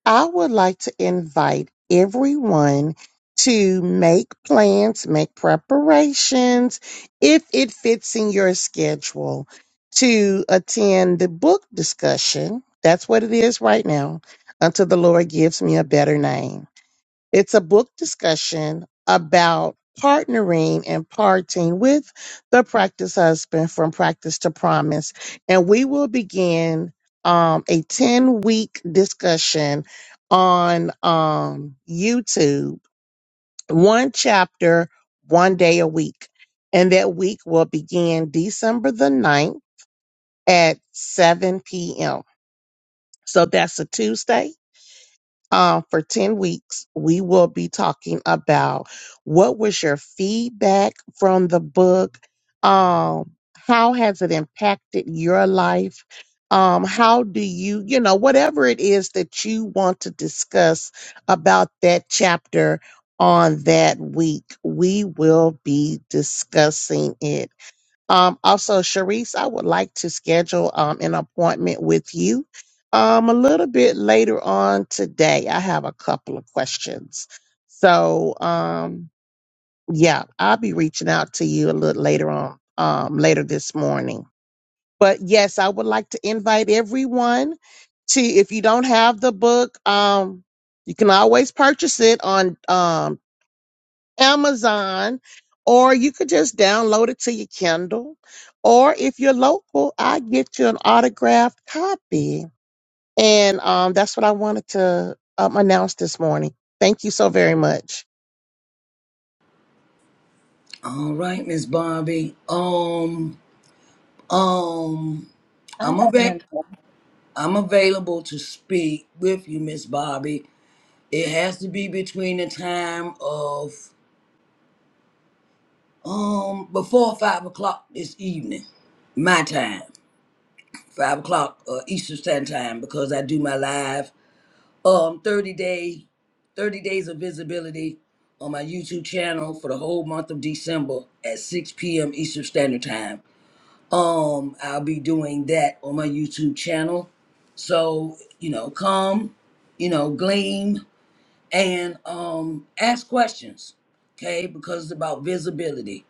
I would like to invite everyone to make plans, make preparations, if it fits in your schedule, to attend the book discussion. That's what it is right now, until the Lord gives me a better name. It's a book discussion about partnering and parting with the practice husband from practice to promise. And we will begin um, a 10 week discussion on um, YouTube, one chapter, one day a week. And that week will begin December the ninth at 7 p.m. So that's a Tuesday um, for 10 weeks, we will be talking about what was your feedback from the book? Um, how has it impacted your life? Um, how do you, you know, whatever it is that you want to discuss about that chapter on that week, we will be discussing it. Um, also, Sharice, I would like to schedule um, an appointment with you um, a little bit later on today. I have a couple of questions. So, um, yeah, I'll be reaching out to you a little later on, um, later this morning. But yes, I would like to invite everyone to, if you don't have the book, um, you can always purchase it on um, Amazon, or you could just download it to your Kindle. Or if you're local, I get you an autographed copy. And um, that's what I wanted to um, announce this morning. Thank you so very much. All right, Miss Barbie. Um, um, I have I'm a an vet. idea. I'm available to speak with you, Miss Bobby. It has to be between the time of um before five o'clock this evening, my time, five o'clock uh, Eastern Standard Time, because I do my live um thirty day, thirty days of visibility on my YouTube channel for the whole month of December at six p.m. Eastern Standard Time. Um, I'll be doing that on my YouTube channel. So you know, come, you know, gleam and um ask questions okay because it's about visibility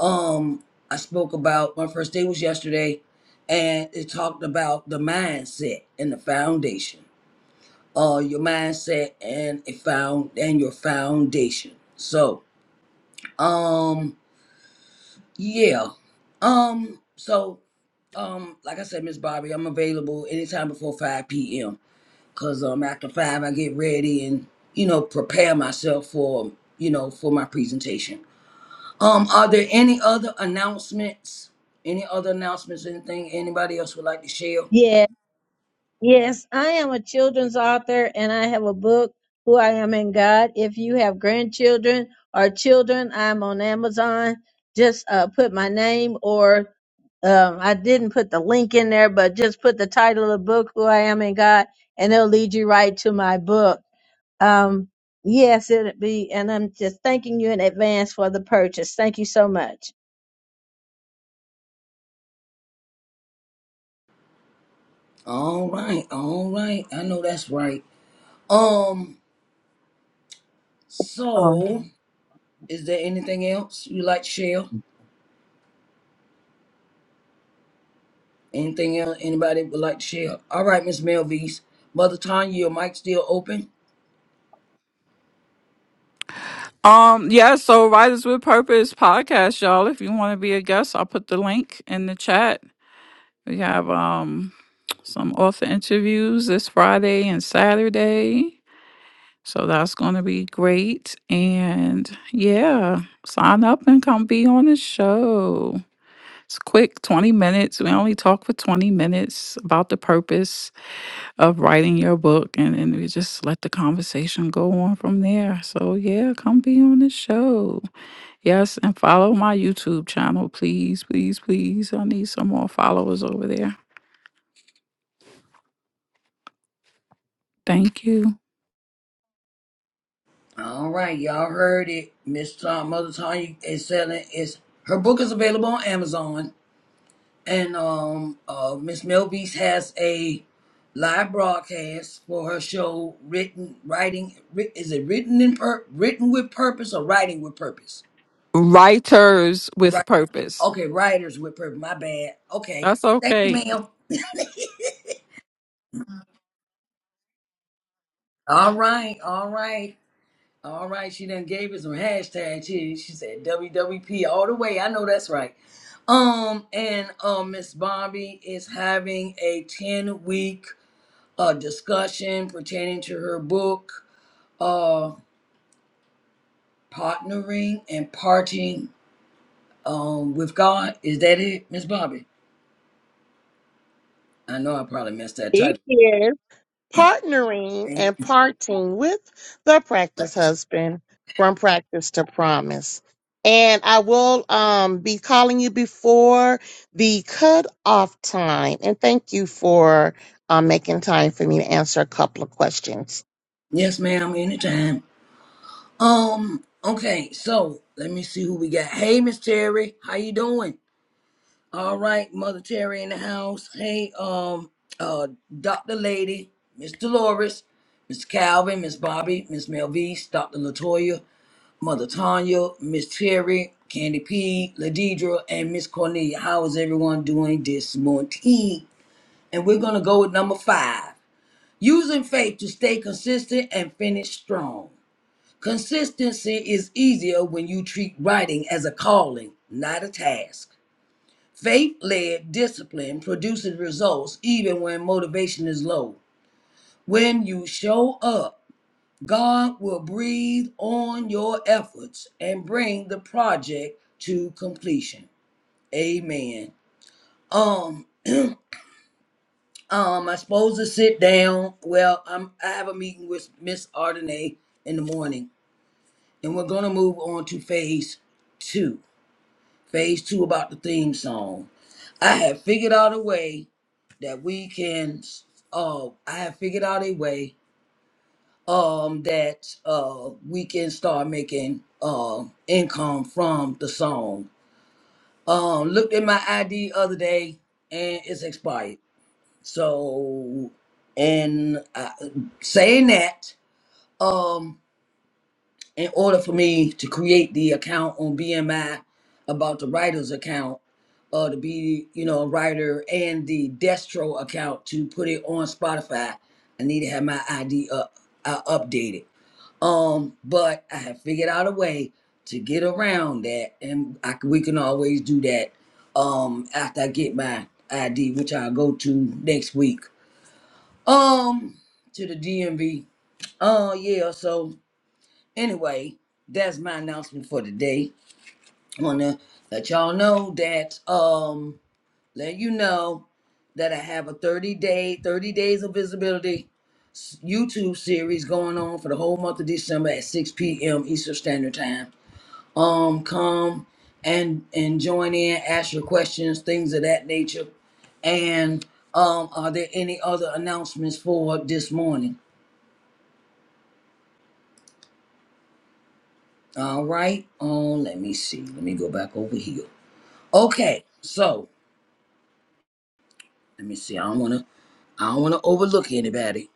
um i spoke about my first day was yesterday and it talked about the mindset and the foundation uh your mindset and a found and your foundation so um yeah um so um like i said miss bobby i'm available anytime before 5 p.m Cause um after five I get ready and you know prepare myself for you know for my presentation. Um, are there any other announcements? Any other announcements? Anything anybody else would like to share? Yeah, yes, I am a children's author and I have a book, Who I Am in God. If you have grandchildren or children, I'm on Amazon. Just uh, put my name or um, I didn't put the link in there, but just put the title of the book, Who I Am in God, and it'll lead you right to my book. Um, yes, it'll be, and I'm just thanking you in advance for the purchase. Thank you so much. All right, all right. I know that's right. Um, Oh. so is there anything else you like to share? Anything else anybody would like to share? All right, Miss Melvise. Mother Tanya, your mic still open? Um, yeah, so Writers with Purpose podcast, y'all. If you want to be a guest, I'll put the link in the chat. We have um some author interviews this Friday and Saturday. So that's going to be great. And yeah, sign up and come be on the show. It's quick 20 minutes. We only talk for 20 minutes about the purpose of writing your book. And then we just let the conversation go on from there. So yeah, come be on the show. Yes. And follow my YouTube channel, please, please, please. I need some more followers over there. Thank you. All right, y'all heard it. Miss uh, Mother Tanya is selling. Is her book is available on Amazon, and um, uh, Miss Mel Beast has a live broadcast for her show. Written, writing, writ, is it written in per, written with purpose or writing with purpose? Writers Right. with Purpose. Okay, writers with purpose. My bad. Okay. That's Thank you, okay. ma'am. All right. All right. All right. She done gave us some hashtags. She she said WWP all the way. I know that's right. Um, and um, Miss Bobby is having a 10 week uh, discussion pertaining to her book, uh, Partnering and Parting um, with God. Is that it, Miss Bobby? I know I probably messed that It title. is. partnering and parting with the practice husband from practice to promise. And I will um, be calling you before the cutoff time. And thank you for um, making time for me to answer a couple of questions. Yes, ma'am, anytime. Um, okay, so let me see who we got. Hey, Miss Terry, how you doing? All right, Mother Terry in the house. Hey, um, uh, Dr. Lady, Miss Dolores, Miss Calvin, Miss Bobby, Miss Melvise, Dr. Latoya, Mother Tanya, Miss Terry, Candy P, Ladidra, and Miss Cornelia. How is everyone doing this morning? And we're gonna go with number five. Using faith to stay consistent and finish strong. Consistency is easier when you treat writing as a calling, not a task. Faith led discipline produces results even when motivation is low. When you show up, God will breathe on your efforts and bring the project to completion. Amen. Um, um, I'm supposed to sit down. Well, I'm I have a meeting with Miss Ardenay in the morning, and we're gonna move on to phase two. Phase two about the theme song. I have figured out a way that we can uh I have figured out a way um that uh we can start making uh income from the song. Um looked at my ID other day and it's expired. So and uh, saying that, um in order for me to create the account on BMI about the writer's account, uh, to be, you know, a writer and the Destro account to put it on Spotify, I need to have my ID up, uh, updated. Um, but I have figured out a way to get around that, and I, c- we can always do that um, after I get my ID, which I'll go to next week. Um, to the DMV. Oh yeah, so anyway, that's my announcement for today. I wanna let y'all know that um let you know that I have a 30 day, 30 days of visibility YouTube series going on for the whole month of December at 6 p.m. Eastern Standard Time. Um come and and join in, ask your questions, things of that nature. And um are there any other announcements for this morning? All right. Um let me see. Let me go back over here. Okay. So Let me see. I don't wanna I don't wanna overlook anybody.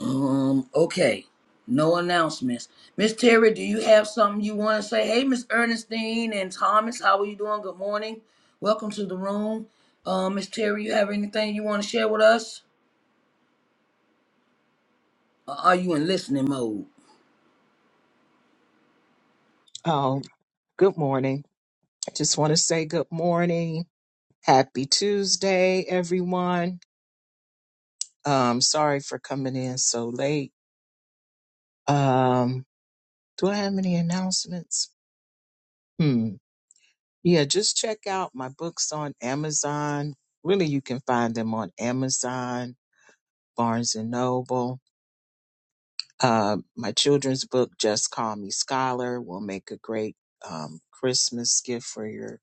Um, okay. No announcements. Miss Terry, do you have something you wanna say? Hey, Miss Ernestine and Thomas, how are you doing? Good morning. Welcome to the room. Uh, Miss Terry, you have anything you wanna share with us? Or are you in listening mode? Oh, good morning. I just want to say good morning. Happy Tuesday, everyone. Um, sorry for coming in so late. Um, do I have any announcements? Hmm. Yeah, just check out my books on Amazon. Really, you can find them on Amazon, Barnes and Noble. Uh, my children's book, Just Call Me Scholar, will make a great um, Christmas gift for your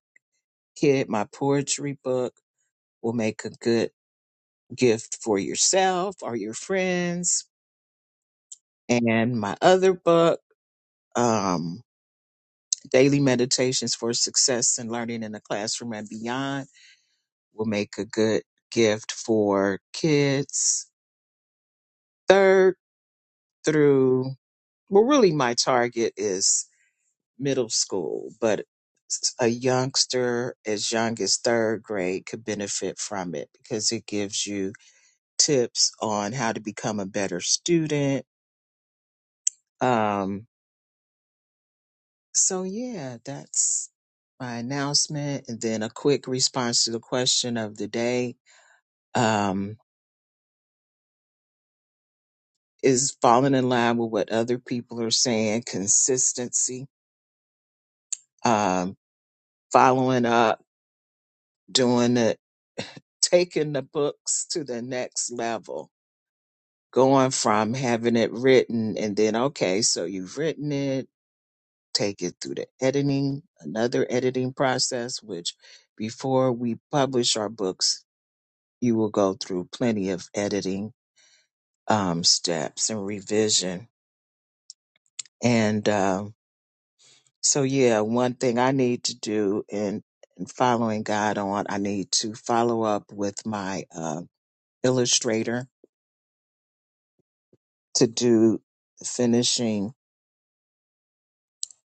kid. My poetry book will make a good gift for yourself or your friends. And my other book, um, Daily Meditations for Success in Learning in the Classroom and Beyond, will make a good gift for kids. Third through, well, really, my target is middle school, but a youngster as young as third grade could benefit from it because it gives you tips on how to become a better student um, So yeah, that's my announcement and then a quick response to the question of the day. Um, is falling in line with what other people are saying, consistency, um, following up, doing it, taking the books to the next level, going from having it written and then, okay, so you've written it, take it through the editing, another editing process, which before we publish our books, you will go through plenty of editing um, steps and revision. And um, so, yeah, one thing I need to do in, in following God on, I need to follow up with my uh, illustrator to do the finishing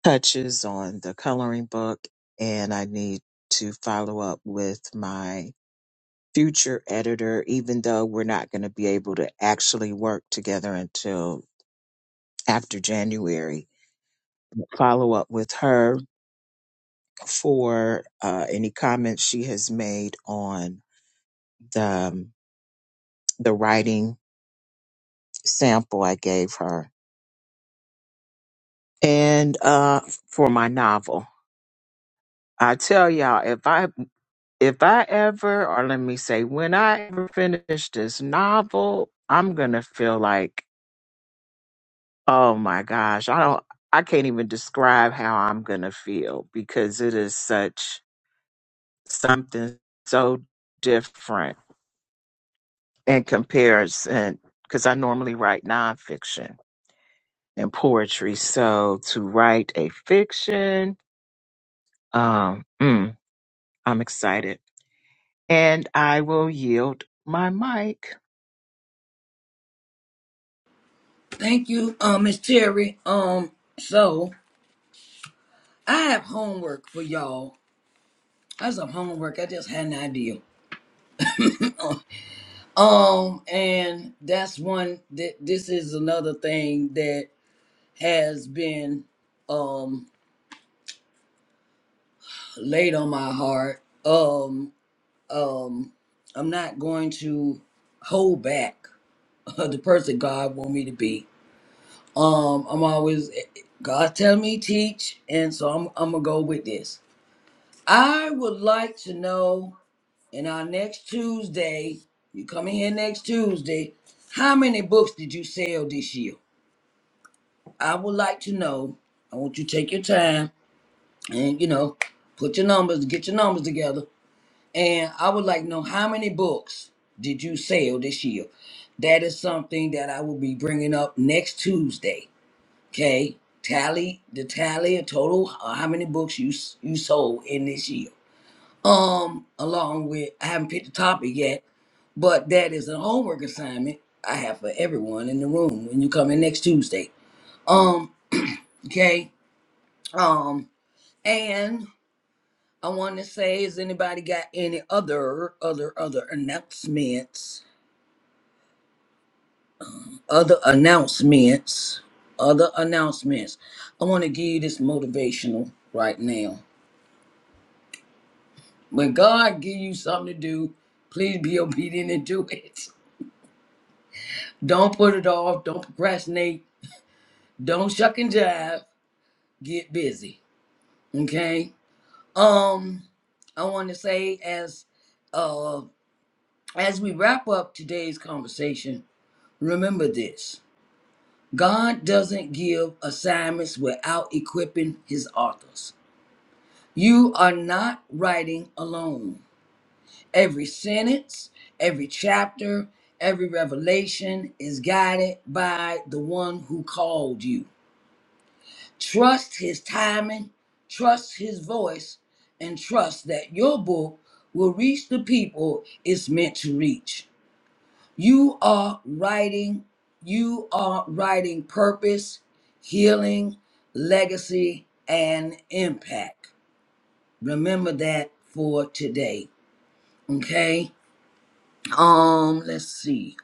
touches on the coloring book. And I need to follow up with my future editor, even though we're not going to be able to actually work together until after January follow up with her for uh, any comments she has made on the um, the writing sample I gave her, and uh, for my novel. I tell y'all, if I if I ever, or let me say, when I ever finish this novel, I'm gonna feel like, oh my gosh, I don't, I can't even describe how I'm gonna feel because it is such something so different in comparison, because I normally write nonfiction and poetry. So to write a fiction, um, mm, I'm excited. And I will yield my mic. Thank you, uh, Miss Terry. Um, so I have homework for y'all. That's some homework. I just had an idea. Um, and that's one that this is another thing that has been um laid on my heart. Um um I'm not going to hold back the person God want me to be. Um I'm always God tell me teach and so I'm I'm going to go with this. I would like to know in our next Tuesday, you coming here next Tuesday, how many books did you sell this year? I would like to know. I want you to take your time and you know put your numbers, get your numbers together And I would like to know how many books did you sell this year? That is something that I will be bringing up next Tuesday. Okay, tally the tally of total uh, how many books you s- you sold in this year. Um, along with I haven't picked the topic yet, but that is a homework assignment I have for everyone in the room when you come in next Tuesday. Um, okay. Um, and I want to say, has anybody got any other other other announcements? other announcements, other announcements. I want to give you this motivational right now. When God give you something to do, please be obedient and do it. Don't put it off. Don't procrastinate. Don't shuck and jive. Get busy. Okay. Um, I want to say as uh as we wrap up today's conversation, remember this. God doesn't give assignments without equipping his authors. You are not writing alone. Every sentence, every chapter, every revelation is guided by the one who called you. Trust his timing, trust his voice, and trust that your book will reach the people it's meant to reach. You are writing, you are writing purpose, healing, legacy, and impact. Remember that for today. Okay. Um, let's see.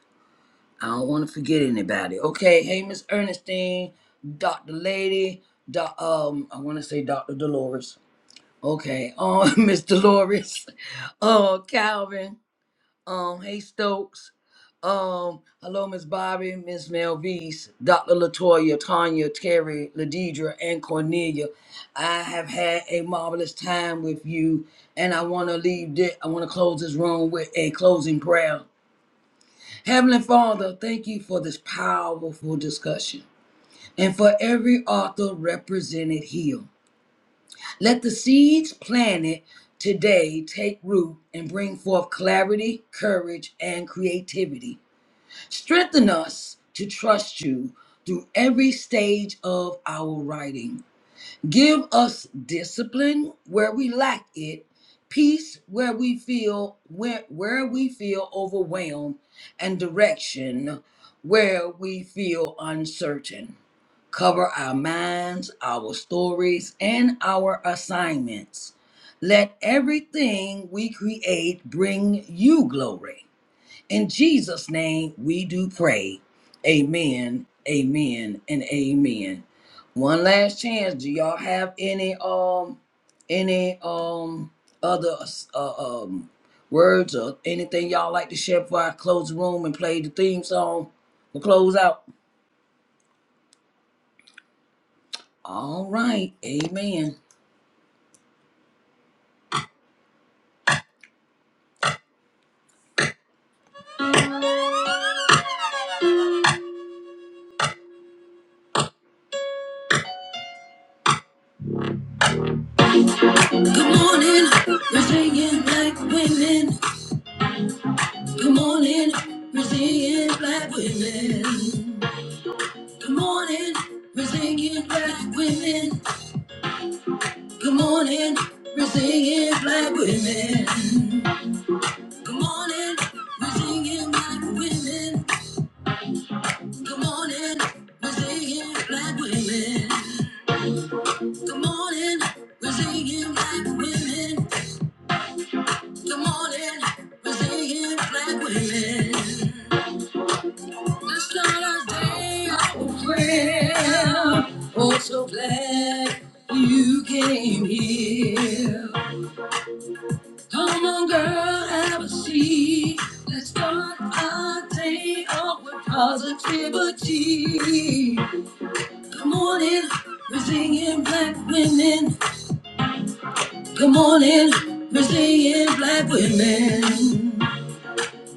I don't want to forget anybody. Okay. Hey, Miss Ernestine, Dr. Lady, doc, um, I want to say Dr. Dolores. Okay. Um, Miss Dolores, uh, Calvin, um, hey Stokes, um, hello, Miss Bobby, Miss Melvise, Dr. Latoya, Tanya, Terry, Ladidra, and Cornelia. I have had a marvelous time with you, and I want to leave. This, I want to close this room with a closing prayer. Heavenly Father, thank you for this powerful discussion and for every author represented here. Let the seeds planted today take root and bring forth clarity, courage, and creativity. Strengthen us to trust you through every stage of our writing. Give us discipline where we lack it, peace where we feel where, where we feel overwhelmed, and direction where we feel uncertain. Cover our minds, our stories, and our assignments. Let everything we create bring you glory. In Jesus' name, we do pray. Amen, amen, and amen. One last chance. Do y'all have any um any um other uh, um words or anything y'all like to share before I close the room and play the theme song? We'll close out. All right, amen. Good morning, resilient black women. Good morning, resilient black women. Good morning, we're singing black women. Good morning, we're singing black women. Good morning, we're singing black women. Good morning, we're singing black women. Good morning, we're singing black women. Good morning, we're singing black women. Let's start our day off with prayer. Oh, so glad you came here. Come on, girl, have a seat. Let's start our day off with positivity. Come on in, we're singing black women. Come on in, we're singing black women.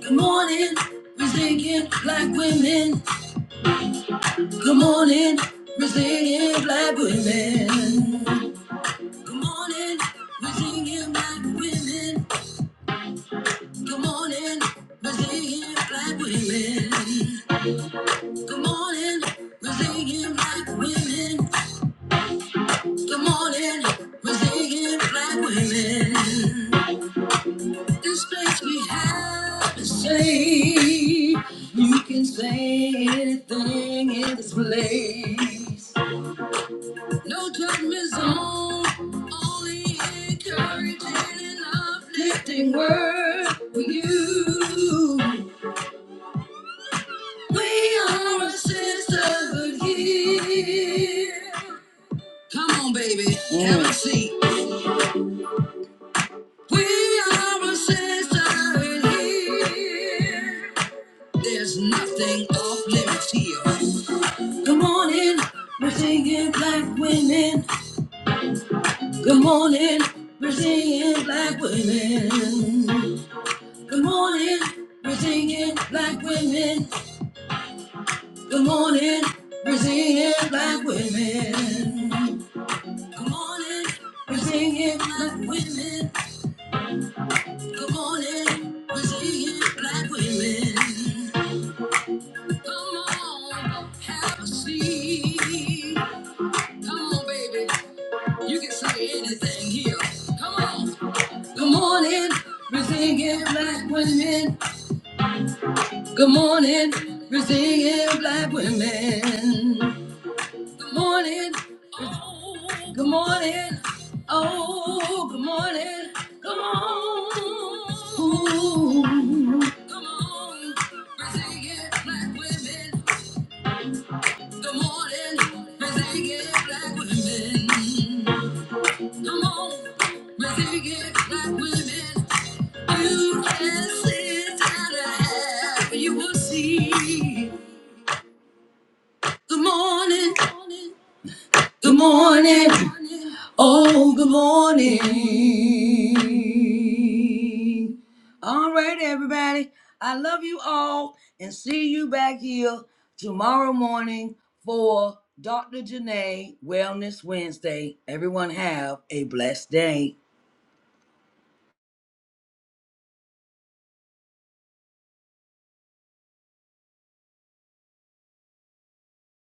Come on in, we're singing black women. Come on in, we're singing black women. Come on in, we're singing black women. Come on in, we're singing black women. Good morning, we're singing black women. Good morning, we're singing black women. This place we have to say. You can say anything in this place. No judgment zone, only encouraging and uplifting word for you. We are a sisterhood here. Come on, baby. Mm. Have a seat. We are a sister in here. There's nothing off limits here. Good morning. We're singing black women. Good morning. We're singing black women. Good morning. We're singing black women. Good morning. We're singing black women. Good morning. We're singing black women. Good morning, resilient black women. Come on, have a seat. Come on, baby. You can say anything here. Come on. Good morning, resilient black women. Good morning, resilient black women. Good morning. Good morning. Oh, good morning. Come on. Come on. Brazilian black women. Good morning. Brazilian black women. Come on. Brazilian black women. You can sit down and have, you will see. Good morning. Good morning. Oh, good morning. All right, everybody. I love you all and see you back here tomorrow morning for Dr. Janae Wellness Wednesday. Everyone have a blessed day.